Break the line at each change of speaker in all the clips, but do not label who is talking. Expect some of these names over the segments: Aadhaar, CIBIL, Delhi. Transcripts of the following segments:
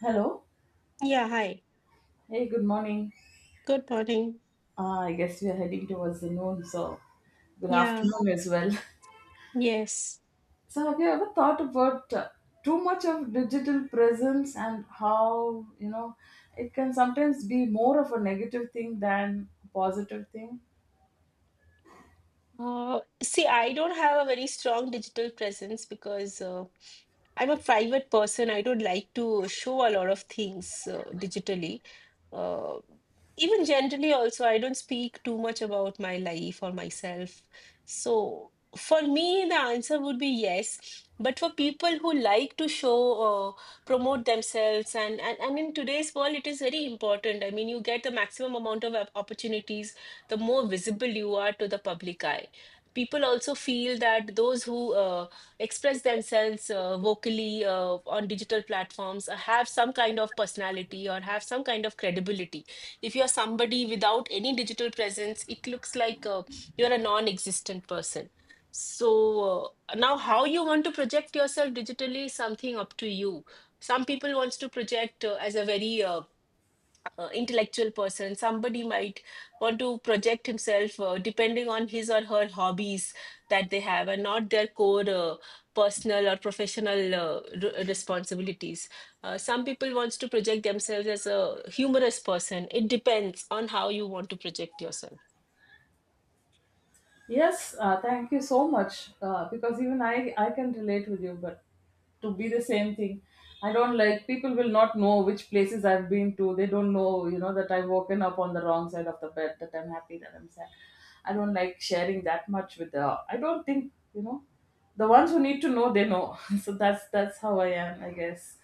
Hello.
Yeah, hi.
Hey, good morning.
Good morning.
I guess we are heading towards the noon, so good
Yeah,
afternoon as well.
yes.
So, have you ever thought about too much of digital presence and how, it can sometimes be more of a negative thing than a positive thing?
See, I don't have a very strong digital presence because I'm a private person. I don't like to show a lot of things digitally. Uh, Even generally, also, I don't speak too much about my life or myself. So, for me, the answer would be yes. But for people who like to show, promote themselves, and in today's world, it is very important. I mean, you get the maximum amount of opportunities the more visible you are to the public eye. People also feel that those who express themselves vocally on digital platforms have some kind of personality or have some kind of credibility. If you are somebody without any digital presence, it looks like you're a non-existent person. So now, how you want to project yourself digitally is something up to you. Some people wants to project as a very intellectual person. Somebody might want to project himself depending on his or her hobbies that they have and not their core personal or professional responsibilities. Some people wants to project themselves as a humorous person. It depends on how you want to project yourself.
Yes, thank you so much. Because even I can relate with you, but to be the same thing, I don't like people will not know which places I've been to. They don't know, that I've woken up on the wrong side of the bed, that I'm happy, that I'm sad. I don't like sharing that much with the. I don't think, the ones who need to know, they know. So that's how I am, I guess.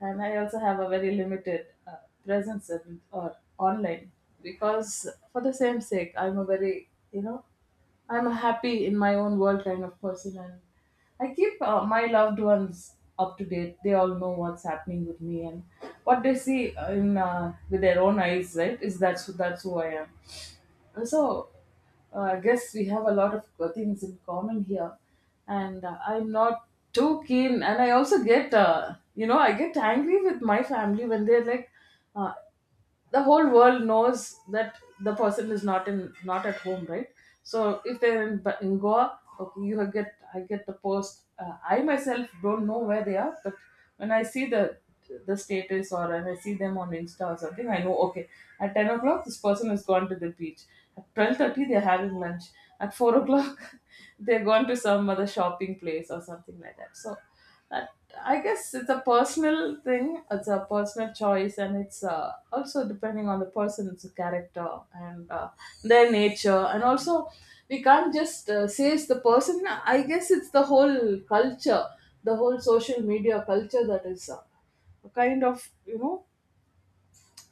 And I also have a very limited presence in, or online because for the same sake, I'm a very I'm a happy in my own world kind of person, and I keep my loved ones up to date. They all know what's happening with me and what they see in with their own eyes. Right? Is that's who I am. And so, I guess we have a lot of things in common here, and I'm not too keen. And I also get, I get angry with my family when they're like, uh, the whole world knows that the person is not in not at home, right. So if they're in, in Goa, okay, you have get, I get the post, I myself don't know where they are, but when I see the status, or when I see them on Insta or something, I know, okay, at 10 o'clock this person has gone to the beach, at 12:30 they're having lunch, at 4 o'clock they're gone to some other shopping place or something like that, so. But I guess it's a personal thing. It's a personal choice, and it's also depending on the person's character and their nature, and also we can't just say it's the person. I guess it's the whole culture, the whole social media culture that is kind of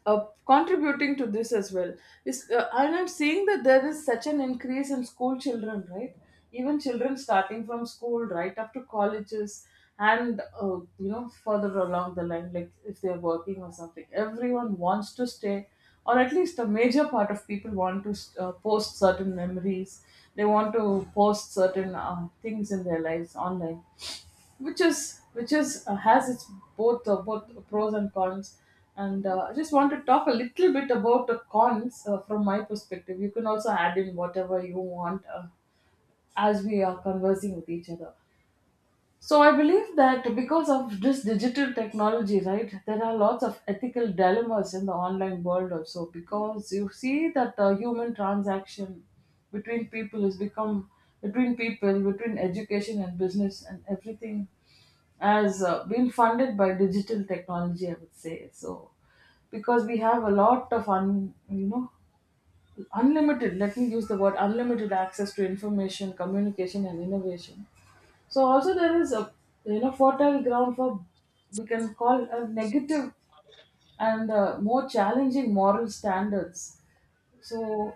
uh, contributing to this as well. Is and I'm seeing that there is such an increase in school children, right? Even children starting from school right up to colleges, and further along the line, like if they're working or something, everyone wants to stay, or at least a major part of people want to post certain memories, they want to post certain things in their lives online, which is has its both pros and cons. And I just want to talk a little bit about the cons, from my perspective. You can also add in whatever you want, as we are conversing with each other. So I believe that because of this digital technology, right, there are lots of ethical dilemmas in the online world also, because you see that the human transaction between people has become, between people, between education and business and everything, has been funded by digital technology, I would say. So because we have a lot of unlimited, let me use the word unlimited access to information, communication, and innovation, so also there is a fertile ground for, we can call, a negative and more challenging moral standards. So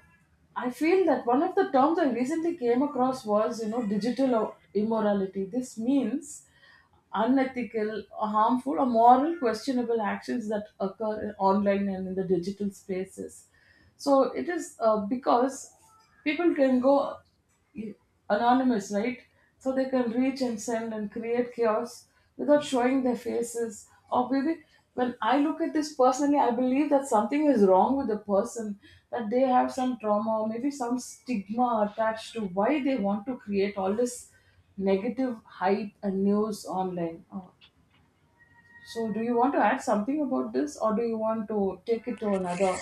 I feel that one of the terms I recently came across was, digital immorality. This means unethical, harmful, or moral questionable actions that occur in online and in the digital spaces. So it is, because people can go anonymous, right? So they can reach and send and create chaos without showing their faces. Or maybe when I look at this personally, I believe that something is wrong with the person, that they have some trauma or maybe some stigma attached to why they want to create all this negative hype and news online. So, do you want to add something about this, or do you want to take it to another?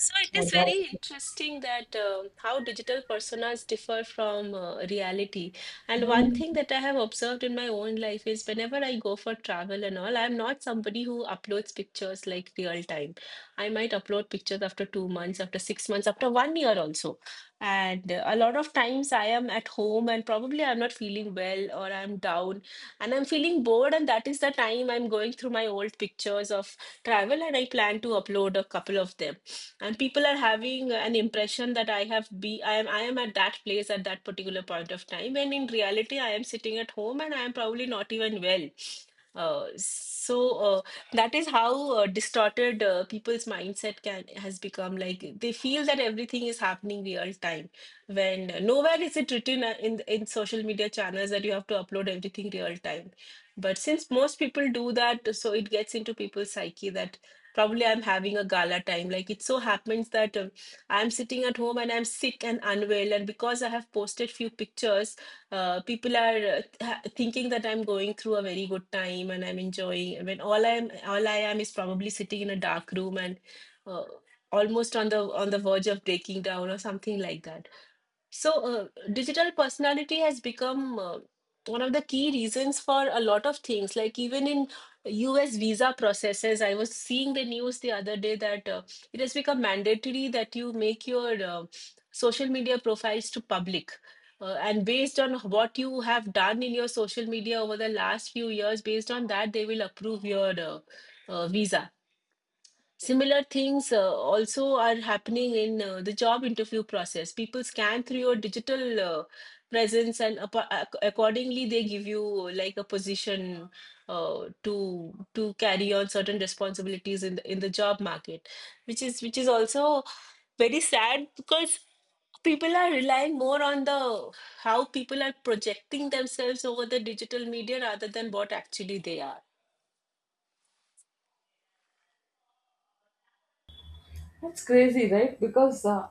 So it
Oh,
is very
that's-
interesting that how digital personas differ from reality. And one
Hmm.
thing that I have observed in my own life is whenever I go for travel and all, I'm not somebody who uploads pictures like real time. I might upload pictures after 2 months, after 6 months, after one year also. And a lot of times I am at home and probably I'm not feeling well or I'm down and I'm feeling bored. And that is the time I'm going through my old pictures of travel and I plan to upload a couple of them, and people are having an impression that I have be I am at that place at that particular point of time, when in reality I am sitting at home and I am probably not even well. So that is how distorted people's mindset can has become. Like they feel that everything is happening real time, when nowhere is it written in social media channels that you have to upload everything real time. But since most people do that, so it gets into people's psyche that probably I'm having a gala time. Like it so happens that I'm sitting at home and I'm sick and unwell, and because I have posted few pictures, people are thinking that I'm going through a very good time and I'm enjoying, when all I am is probably sitting in a dark room and uh, almost on the verge of breaking down or something like that. So digital personality has become one of the key reasons for a lot of things. Like even in US visa processes, I was seeing the news the other day that it has become mandatory that you make your social media profiles to public. And based on what you have done in your social media over the last few years, based on that, they will approve your visa. Similar things also are happening in the job interview process. People scan through your digital presence, and accordingly, they give you like a position to carry on certain responsibilities in in the job market, which is also very sad, because people are relying more on the how people are projecting themselves over the digital media rather than what actually they are.
That's crazy, right? Because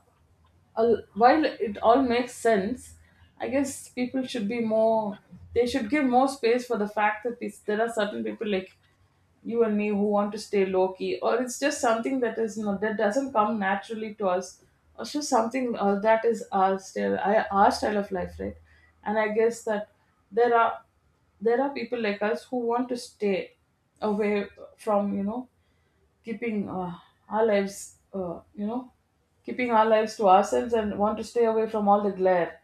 while it all makes sense, I guess people should be more. They should give more space for the fact that there are certain people like you and me who want to stay low key, or it's just something that is not, that doesn't come naturally to us, or it's just something that is our style of life, right? And I guess that there are there are people like us who want to stay away from, keeping our lives, keeping our lives to ourselves, and want to stay away from all the glare.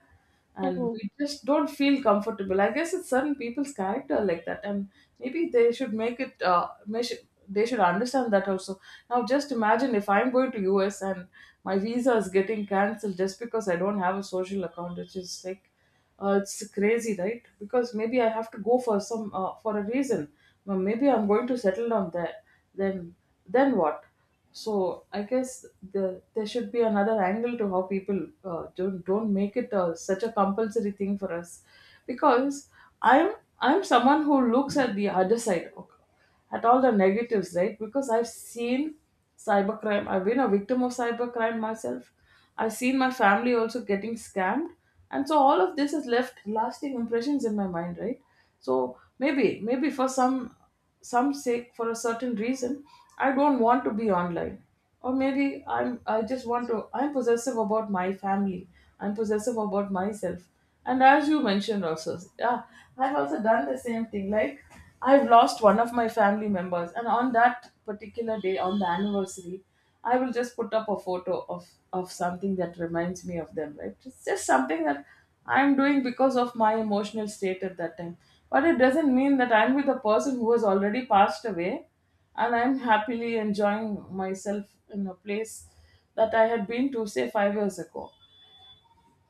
And
Hmm.
we just don't feel comfortable. I guess it's certain people's character like that, and maybe they should make it. They should understand that also. Now, just imagine if I'm going to US and my visa is getting cancelled just because I don't have a social account, which is like, it's crazy, right? Because maybe I have to go for some for a reason. Well, maybe I'm going to settle down there, then then what? So I guess there should be another angle to how people don't make it such a compulsory thing for us, because i'm I'm someone who looks at the other side, okay, at all the negatives, right? Because I've seen cybercrime, I've been a victim of cybercrime myself. I've seen my family also getting scammed. And so all of this has left lasting impressions in my mind, right? So maybe for some sake, for a certain reason, I don't want to be online, or maybe I just want to, I'm possessive about my family, I'm possessive about myself, and as you mentioned also, yeah, I've also done the same thing, like, I've lost one of my family members, and on that particular day, on the anniversary, I will just put up a photo of something that reminds me of them, right? It's just something that I'm doing because of my emotional state at that time, but it doesn't mean that I'm with a person who has already passed away and I'm happily enjoying myself in a place that I had been to, say, 5 years ago.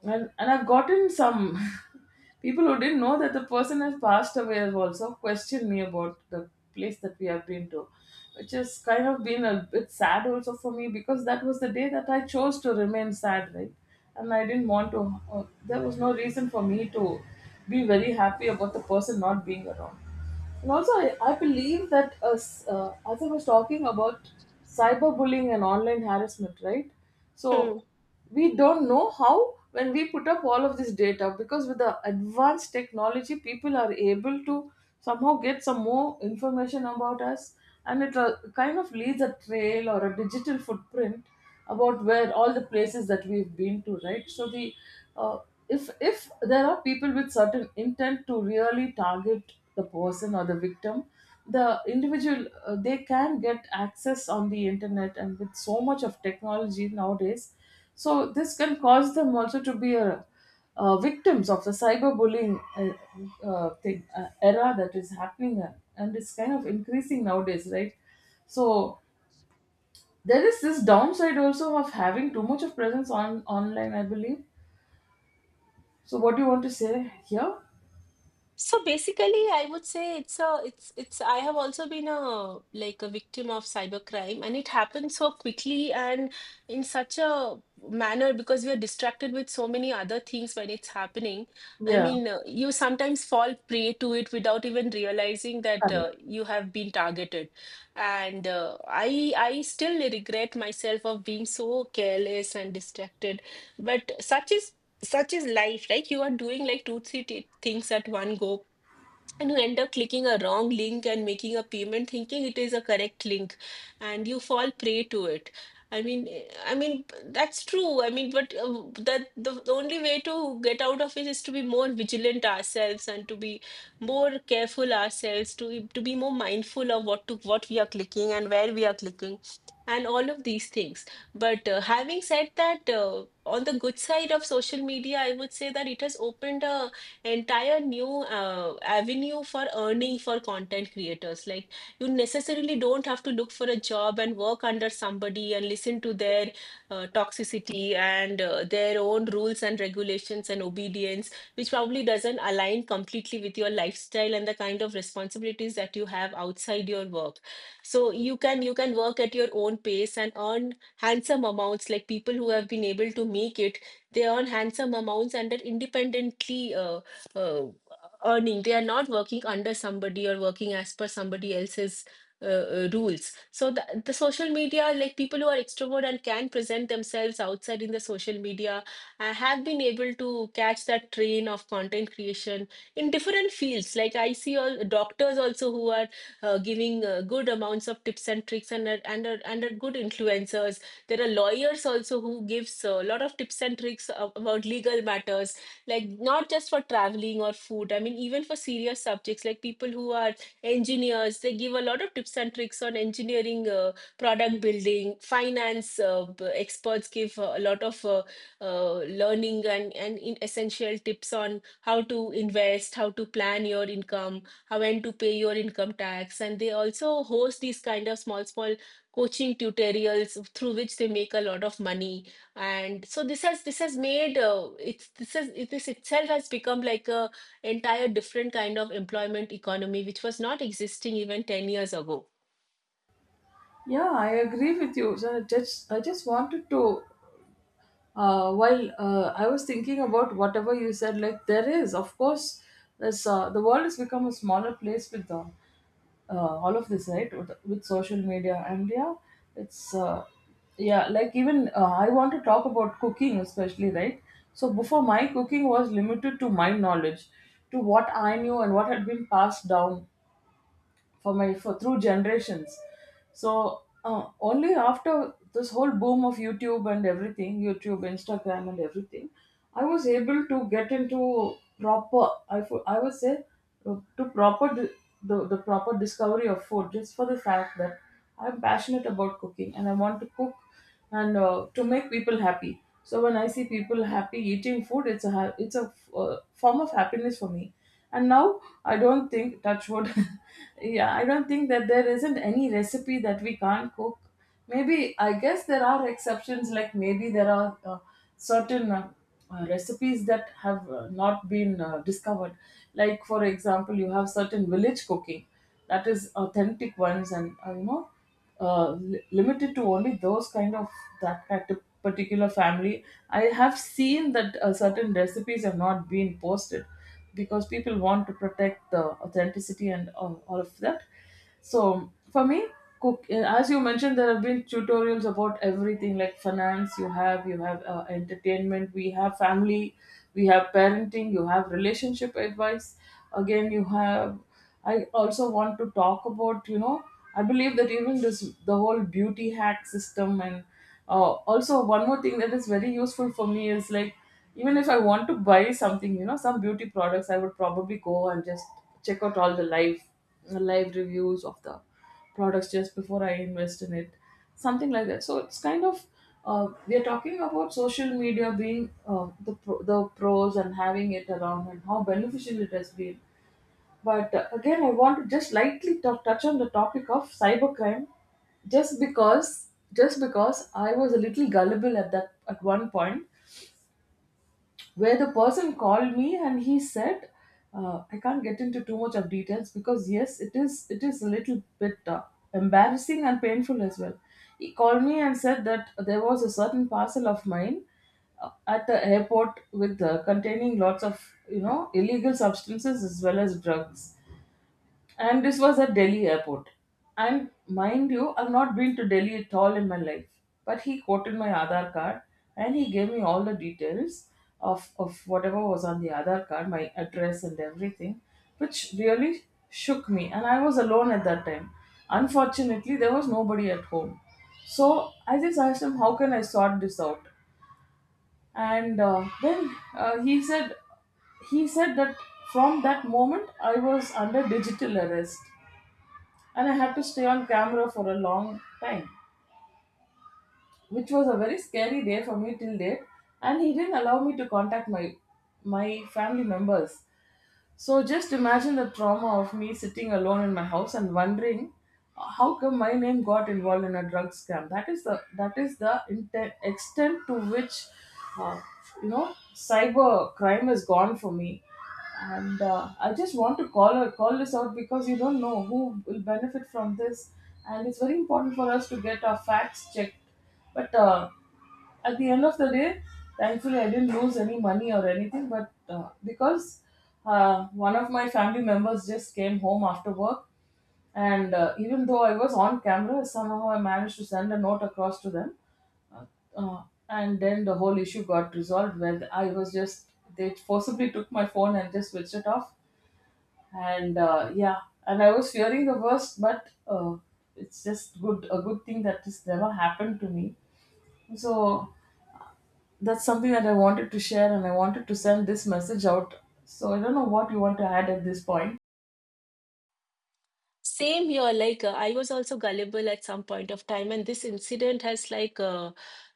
And I've gotten some people who didn't know that the person has passed away have also questioned me about the place that we have been to, which has kind of been a bit sad also for me, because that was the day that I chose to remain sad, right? And I didn't want to, there was no reason for me to be very happy about the person not being around. And also, I believe that as I was talking about cyberbullying and online harassment, right?
Hmm.
So we don't know how when we put up all of this data, because with the advanced technology, people are able to somehow get some more information about us, and it kind of leaves a trail or a digital footprint about where all the places that we've been to, right? So the uh, if there are people with certain intent to really target the person or the victim, the individual, they can get access on the internet, and with so much of technology nowadays, so this can cause them also to be victims of the cyberbullying thing, era, that is happening, and it's kind of increasing nowadays, right? So there is this downside also of having too much of presence on online, I believe. So what do you want to say here?
So basically, I would say it's a it's it's I have also been a like a victim of cybercrime, and it happens so quickly and in such a manner because we are distracted with so many other things when it's happening. I
Yeah,
mean, uh, you sometimes fall prey to it without even realizing that
correct.
you have been targeted. And I still regret myself of being so careless and distracted. But such is life, right? You are doing like two, three things at one go, and you end up clicking a wrong link and making a payment thinking it is a correct link, and you fall prey to it. I mean, that's true. I mean but uh, that the only way to get out of it is to be more vigilant ourselves, and to be more careful ourselves, to be more mindful of what to what we are clicking and where we are clicking and all of these things. But having said that, on the good side of social media, I would say that it has opened a entire new avenue for earning for content creators. Like you necessarily don't have to look for a job and work under somebody and listen to their toxicity and their own rules and regulations and obedience, which probably doesn't align completely with your lifestyle and the kind of responsibilities that you have outside your work. So you can work at your own pace and earn handsome amounts. Like people who have been able to make it, they earn handsome amounts and are independently. Uh, earning. They are not working under somebody or working as per somebody else's uh, rules. So the social media, like people who are extrovert and can present themselves outside in the social media, have been able to catch that train of content creation in different fields. Like I see all doctors also who are giving good amounts of tips and tricks, and are good influencers. There are lawyers also who gives a lot of tips and tricks about legal matters, like not just for traveling or food. I mean, even for serious subjects, like people who are engineers, they give a lot of tips and tricks on engineering, product building, finance. Experts give a lot of uh, learning and in essential tips on how to invest, how to plan your income, how when to pay your income tax. And they also host these kind of small, small coaching tutorials through which they make a lot of money. And so this has made it's this has this itself has become like a entire different kind of employment economy, which was not existing even 10 years ago.
Yeah, I agree with you. So I just wanted to, while I was thinking about whatever you said, like, there is, of course, there's the world has become a smaller place with them. All of this, right? With social media and yeah, it's yeah, like even I want to talk about cooking especially, right? So before, my cooking was limited to my knowledge, to what I knew and what had been passed down for through generations. So only after this whole boom of YouTube and everything, YouTube, Instagram, and everything, I was able to get into proper, I would say, to the proper discovery of food just for the fact that I'm passionate about cooking and I want to cook, and to make people happy. So when I see people happy eating food, it's a form of happiness for me. And now I don't think, touch wood. Yeah, I don't think that there isn't any recipe that we can't cook. Maybe I guess there are exceptions. Like maybe there are. Certain recipes that have not been discovered. Like, for example, you have certain village cooking that is authentic ones and, limited to only those kind of that kind of particular family. I have seen that certain recipes have not been posted because people want to protect the authenticity and all of that. So for me, cook as you mentioned, there have been tutorials about everything like finance. You have entertainment. We have family. We have parenting. You have relationship advice. Again, you have I also want to talk about, I believe that even this, the whole beauty hack system, and also one more thing that is very useful for me is like, even if I want to buy something, you know, some beauty products, I would probably go and just check out all the live reviews of the products just before I invest in it, something like that. So it's kind of we are talking about social media being the pros and having it around and how beneficial it has been. But again, I want to just lightly touch on the topic of cybercrime, just because I was a little gullible at that at 1 point, where the person called me and he said, I can't get into too much of details because yes, it is a little bit embarrassing and painful as well. He called me and said that there was a certain parcel of mine at the airport with containing lots of, you know, illegal substances as well as drugs, and this was at Delhi airport. And mind you, I've not been to Delhi at all in my life. But he quoted my Aadhaar card and he gave me all the details of whatever was on the Aadhaar card, my address and everything, which really shook me. And I was alone at that time. Unfortunately, there was nobody at home. So I just asked him, "How can I sort this out?" And then he said that from that moment I was under digital arrest and I had to stay on camera for a long time, which was a very scary day for me till date. And he didn't allow me to contact my family members. So just imagine the trauma of me sitting alone in my house and wondering how come my name got involved in a drug scam. That is the extent to which uh, you know, cyber crime is gone for me. And I just want to call this out because you don't know who will benefit from this, and it's very important for us to get our facts checked. But at the end of the day, thankfully, I didn't lose any money or anything, but because one of my family members just came home after work, and even though I was on camera, somehow I managed to send a note across to them. Uh, uh, and then the whole issue got resolved when I was just, they forcibly took my phone and just switched it off. And yeah, and I was fearing the worst, but it's just good, a good thing that this never happened to me. So that's something that I wanted to share and I wanted to send this message out. So I don't know what you want to add at this point.
Same here, like I was also gullible at some point of time, and this incident has like uh,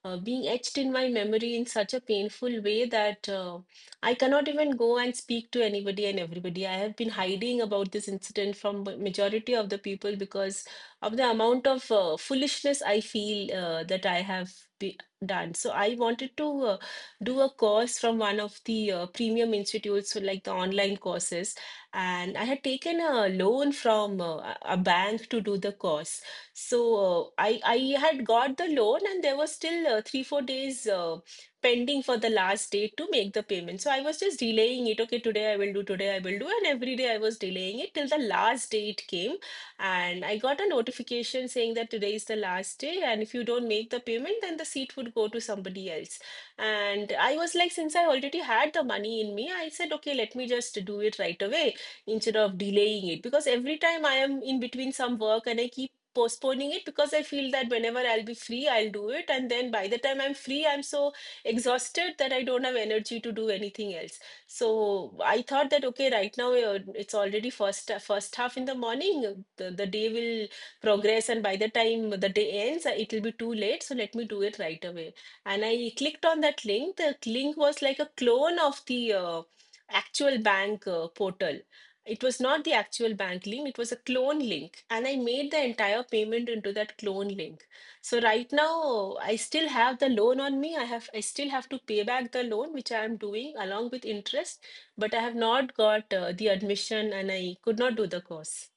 uh, being etched in my memory in such a painful way that I cannot even go and speak to anybody and everybody. I have been hiding about this incident from majority of the people because of the amount of foolishness I feel that I have be done. So I wanted to do a course from one of the premium institutes, so like the online courses, and I had taken a loan from a bank to do the course. So I had got the loan, and there was still 3-4 days pending for the last date to make the payment. So I was just delaying it. Okay, today I will do. Today I will do, and every day I was delaying it till the last date came, and I got a notification saying that today is the last day, and if you don't make the payment, then the seat would go to somebody else. And I was like, since I already had the money in me, I said, okay, let me just do it right away instead of delaying it, because every time I am in between some work and I keep postponing it because I feel that whenever I'll be free I'll do it, and then by the time I'm free I'm so exhausted that I don't have energy to do anything else. So I thought that okay, right now it's already first first half in the morning. The the day will progress and by the time the day ends it will be too late, so let me do it right away. And I clicked on that link. The link was like a clone of the actual bank portal. It was not the actual bank link, it was a clone link. And I made the entire payment into that clone link. So right now, I still have the loan on me. I have I still have to pay back the loan, which I am doing along with interest, but I have not got the admission and I could not do the course.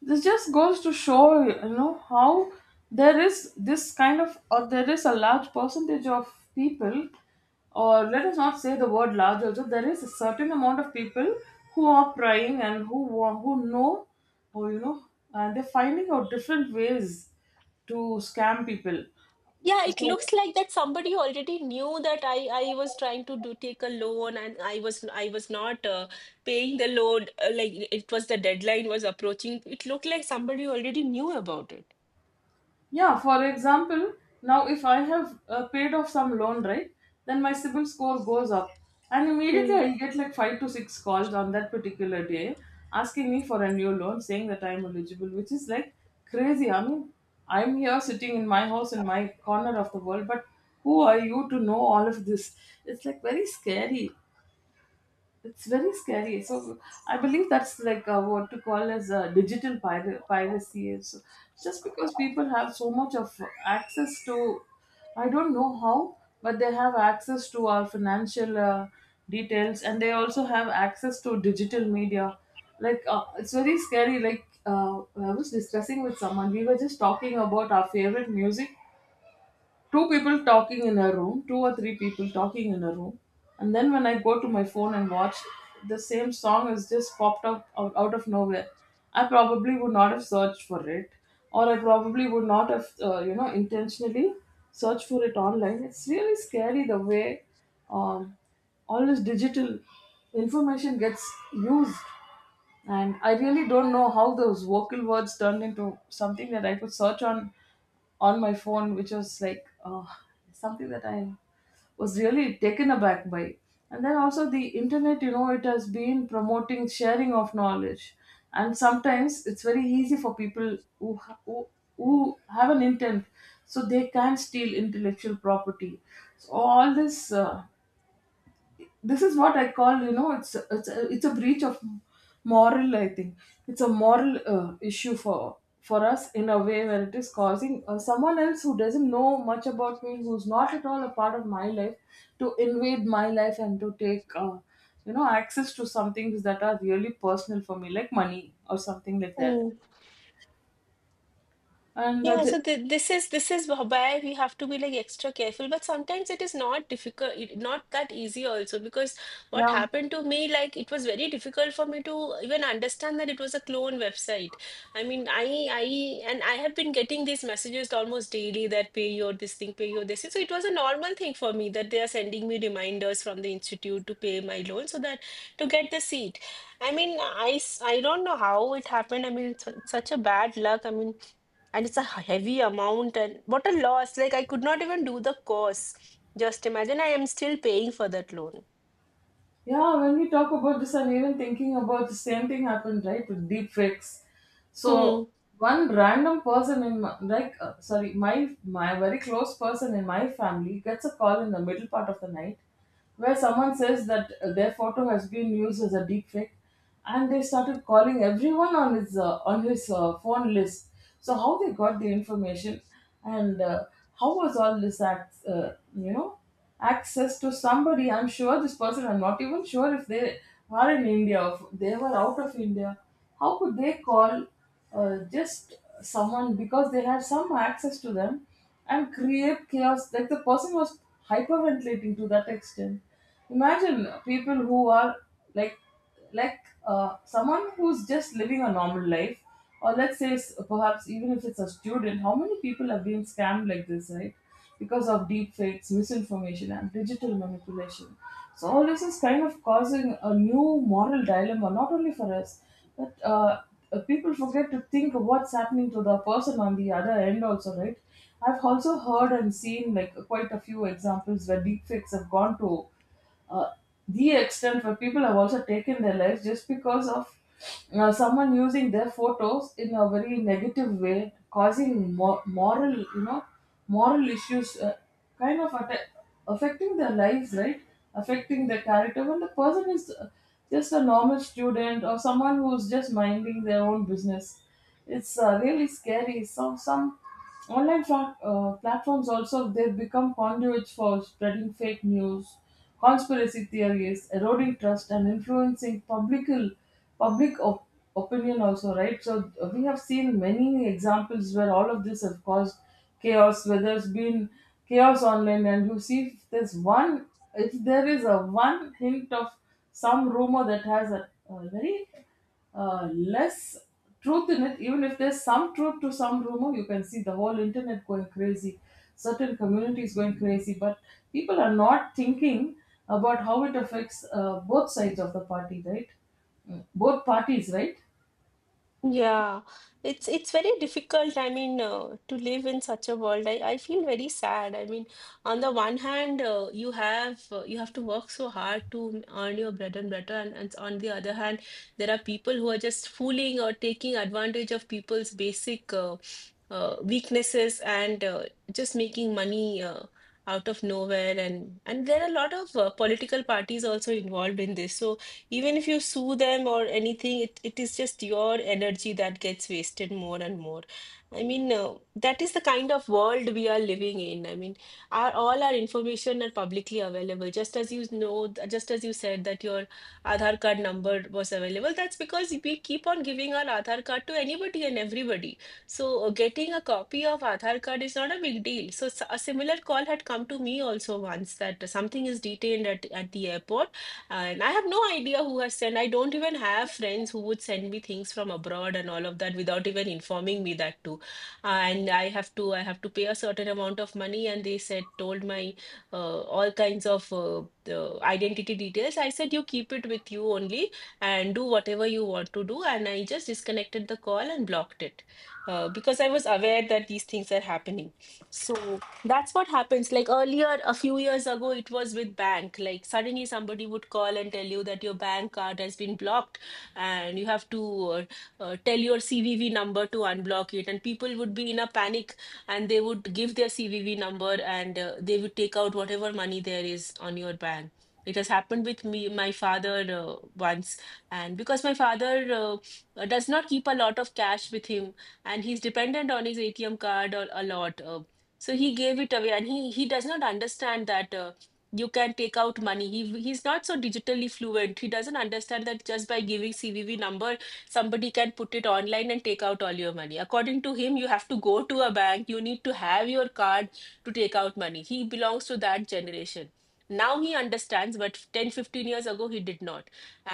This just goes to show, you know, how there is this kind of, or there is a large percentage of people, or let us not say the word large also, there is a certain amount of people who are praying and who know, or you know, and they're finding out different ways to scam people.
Yeah, it
So
looks like that somebody already knew that I was trying to do take a loan and I was not paying the loan, like it was the deadline was approaching. It looked like somebody already knew about it.
yeah, for example, now if I have paid off some loan, right, then my CIBIL score goes up. And immediately
Hmm.
I'll get like five to six calls on that particular day asking me for a new loan, saying that I'm eligible, which is like crazy. I mean, I'm here sitting in my house in my corner of the world, but who are you to know all of this? It's like very scary. It's very scary. So I believe that's like what to call as digital piracy. So just because people have so much of access to, I don't know how, but they have access to our financial details, and they also have access to digital media. It's very scary. I was discussing with someone, we were just talking about our favorite music, two people talking in a room, two or three people talking in a room. And then when I go to my phone and watch, the same song has just popped up out of nowhere. I probably would not have searched for it, or I probably would not have, you know, intentionally searched for it online. It's really scary the way um, all this digital information gets used. And I really don't know how those vocal words turned into something that I could search on my phone, which was like something that I was really taken aback by. And then also the internet, you know, it has been promoting sharing of knowledge, and sometimes it's very easy for people who have an intent, so they can steal intellectual property. So all this this is what I call, you know, it's a breach of moral, I think. It's a moral issue for us in a way where it is causing someone else who doesn't know much about me, who's not at all a part of my life, to invade my life and to take you know, access to some things that are really personal for me, like money or something like that.
Mm.
and uh,
Yeah,
the-
so th this is wh- where we have to be like extra careful, but sometimes it is not difficult, not that easy also because what
yeah.
happened to me, like it was very difficult for me to even understand that it was a clone website. I mean, I and I have been getting these messages almost daily that pay your this thing, pay your this thing. So it was a normal thing for me that they are sending me reminders from the institute to pay my loan so that to get the seat. I mean, I don't know how it happened. I mean, it's such a bad luck. I mean, and it's a heavy amount, and what a loss. Like I could not even do the course. Just imagine, I am still paying for that loan.
Yeah, when we talk about this, I'm even thinking about the same thing happened, right? With deep fakes. So
Hmm.
one random person in my, my very close person in my family gets a call in the middle part of the night where someone says that their photo has been used as a deep fake, and they started calling everyone on his phone list. So how they got the information, and how was all this act? You know? Access to somebody. I'm sure this person, I'm not even sure if they are in India or if they were out of India. How could they call just someone because they had some access to them and create chaos? Like the person was hyperventilating to that extent. Imagine people who are like like someone who's just living a normal life, or let's say perhaps even if it's a student, how many people have been scammed like this, right? Because of deep fakes, misinformation, and digital manipulation. So all this is kind of causing a new moral dilemma, not only for us, but people forget to think of what's happening to the person on the other end also, right? I've also heard and seen like quite a few examples where deepfakes have gone to uh, the extent where people have also taken their lives just because of someone using their photos in a very negative way, causing moral, you know, moral issues, kind of affecting their lives, right? Affecting their character. When the person is just a normal student or someone who's just minding their own business, it's really scary. So some online platforms also, they've become conduits for spreading fake news, conspiracy theories, eroding trust, and influencing public opinion also, right? So we have seen many examples where all of this has caused chaos, where there's been chaos online, and you see if there is a one hint of some rumor that has a very less truth in it. Even if there's some truth to some rumor, you can see the whole internet going crazy, certain communities going crazy, but people are not thinking about how it affects both sides of the party, right? Mm. Both parties, right?
Yeah, it's very difficult. I mean, to live in such a world, I feel very sad. I mean, on the one hand, you have to work so hard to earn your bread and butter, and on the other hand, there are people who are just fooling or taking advantage of people's basic weaknesses, and just making money out of nowhere. And there are a lot of political parties also involved in this. So even if you sue them or anything, it is just your energy that gets wasted more and more. I mean, that is the kind of world we are living in. I mean, all our information are publicly available. Just as you know, just as you said that your Aadhaar card number was available, that's because we keep on giving our Aadhaar card to anybody and everybody. So getting a copy of Aadhaar card is not a big deal. So a similar call had come to me also once that something is detained at the airport, and I have no idea who has sent. I don't even have friends who would send me things from abroad and all of that without even informing me that too. And I have to pay a certain amount of money, and they said told my all kinds of the identity details. I said you keep it with you only and do whatever you want to do. And I just disconnected the call and blocked it because I was aware that these things are happening. So. That's what happens. Like earlier, a few years ago, it was with bank. Like suddenly somebody would call and tell you that your bank card has been blocked, and you have to tell your CVV number to unblock it. And people would be in a panic, and they would give their CVV number, and they would take out whatever money there is on your bank. It has happened with me, my father once. And because my father does not keep a lot of cash with him, and he's dependent on his ATM card a lot. So he gave it away, and he does not understand that you can take out money. He's not so digitally fluent. He doesn't understand that just by giving CVV number, somebody can put it online and take out all your money. According to him, you have to go to a bank. You need to have your card to take out money. He belongs to that generation. Now he understands, but 10, 15 years ago, he did not.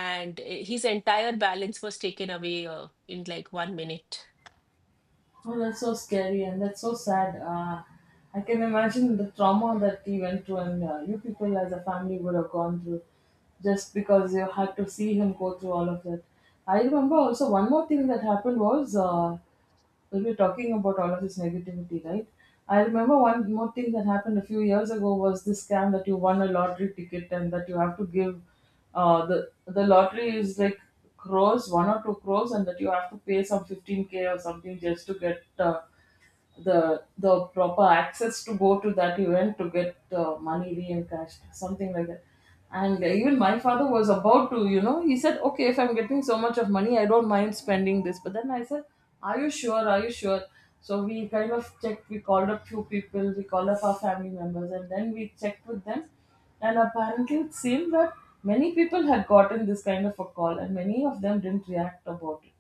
And his entire balance was taken away in like 1 minute.
Oh, that's so scary and that's so sad. I can imagine the trauma that he went through, and you people as a family would have gone through just because you had to see him go through all of that. I remember also one more thing that happened was we were talking about all of this negativity, right? I remember one more thing that happened a few years ago was this scam that you won a lottery ticket and that you have to give. The lottery is like crores, one or two crores, and that you have to pay some 15K or something just to get the proper access to go to that event to get money re-encashed, something like that. And even my father was about to, you know, he said, "Okay, if I'm getting so much of money, I don't mind spending this." But then I said, "Are you sure? Are you sure?" So we kind of checked. We called up few people. We called up our family members, and then we checked with them. And apparently, it seemed that many people had gotten this kind of a call, and many of them didn't react about it,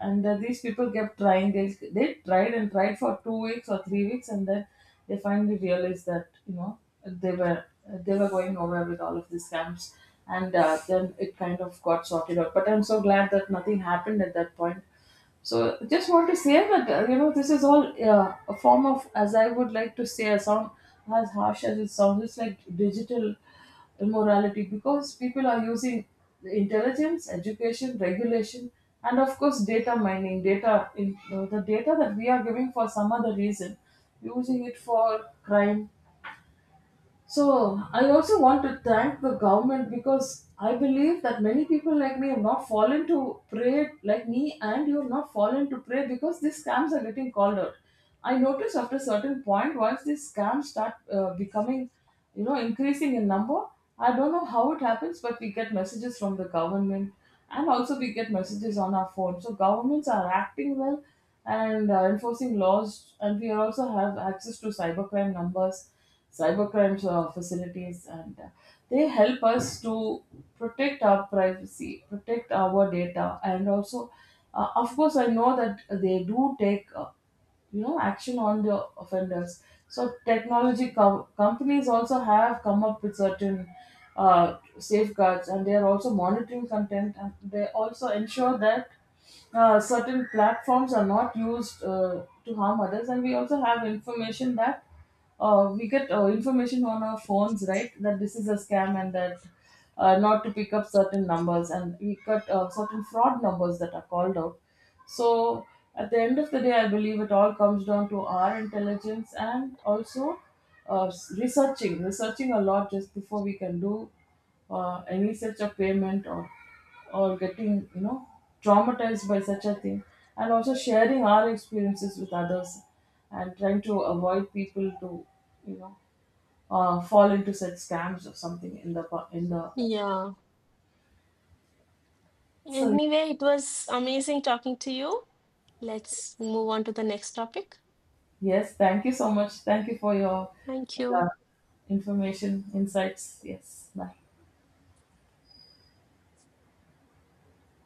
and these people kept trying. They tried and tried for 2 weeks or 3 weeks, and then they finally realized that, you know, they were they were going nowhere with all of these scams. And then it kind of got sorted out, but I'm so glad that nothing happened at that point. So just want to say that, you know, this is all a form of, as I would like to say, a sound. As harsh as it sounds, it's like digital immorality, because people are using the intelligence, education, regulation, and of course data mining, data in the data that we are giving for some other reason, using it for crime. So I also want to thank the government, because I believe that many people like me have not fallen to prey, like me and you have not fallen to prey, because these scams are getting called out. I noticed after a certain point, once these scams start becoming, you know, increasing in number. I don't know how it happens, but we get messages from the government, and also we get messages on our phone. So governments are acting well and enforcing laws, and we also have access to cybercrime numbers, cybercrimes facilities, and they help us to protect our privacy, protect our data, and also of course I know that they do take you know action on the offenders. So technology companies also have come up with certain safeguards, and they are also monitoring content, and they also ensure that certain platforms are not used to harm others. And we also have information that we get information on our phones, right, that this is a scam and that not to pick up certain numbers, and we got certain fraud numbers that are called out. So at the end of the day, I believe it all comes down to our intelligence, and also researching, researching a lot just before we can do any such a payment, or getting, you know, traumatized by such a thing, and also sharing our experiences with others, and trying to avoid people to, you know, fall into such scams or something in the in the.
Yeah.
So
Anyway, it was amazing talking to you. Let's move on to the next topic.
yes, thank you so much, thank you for your
Thank
uh,
you.
information, insights. Yes, bye.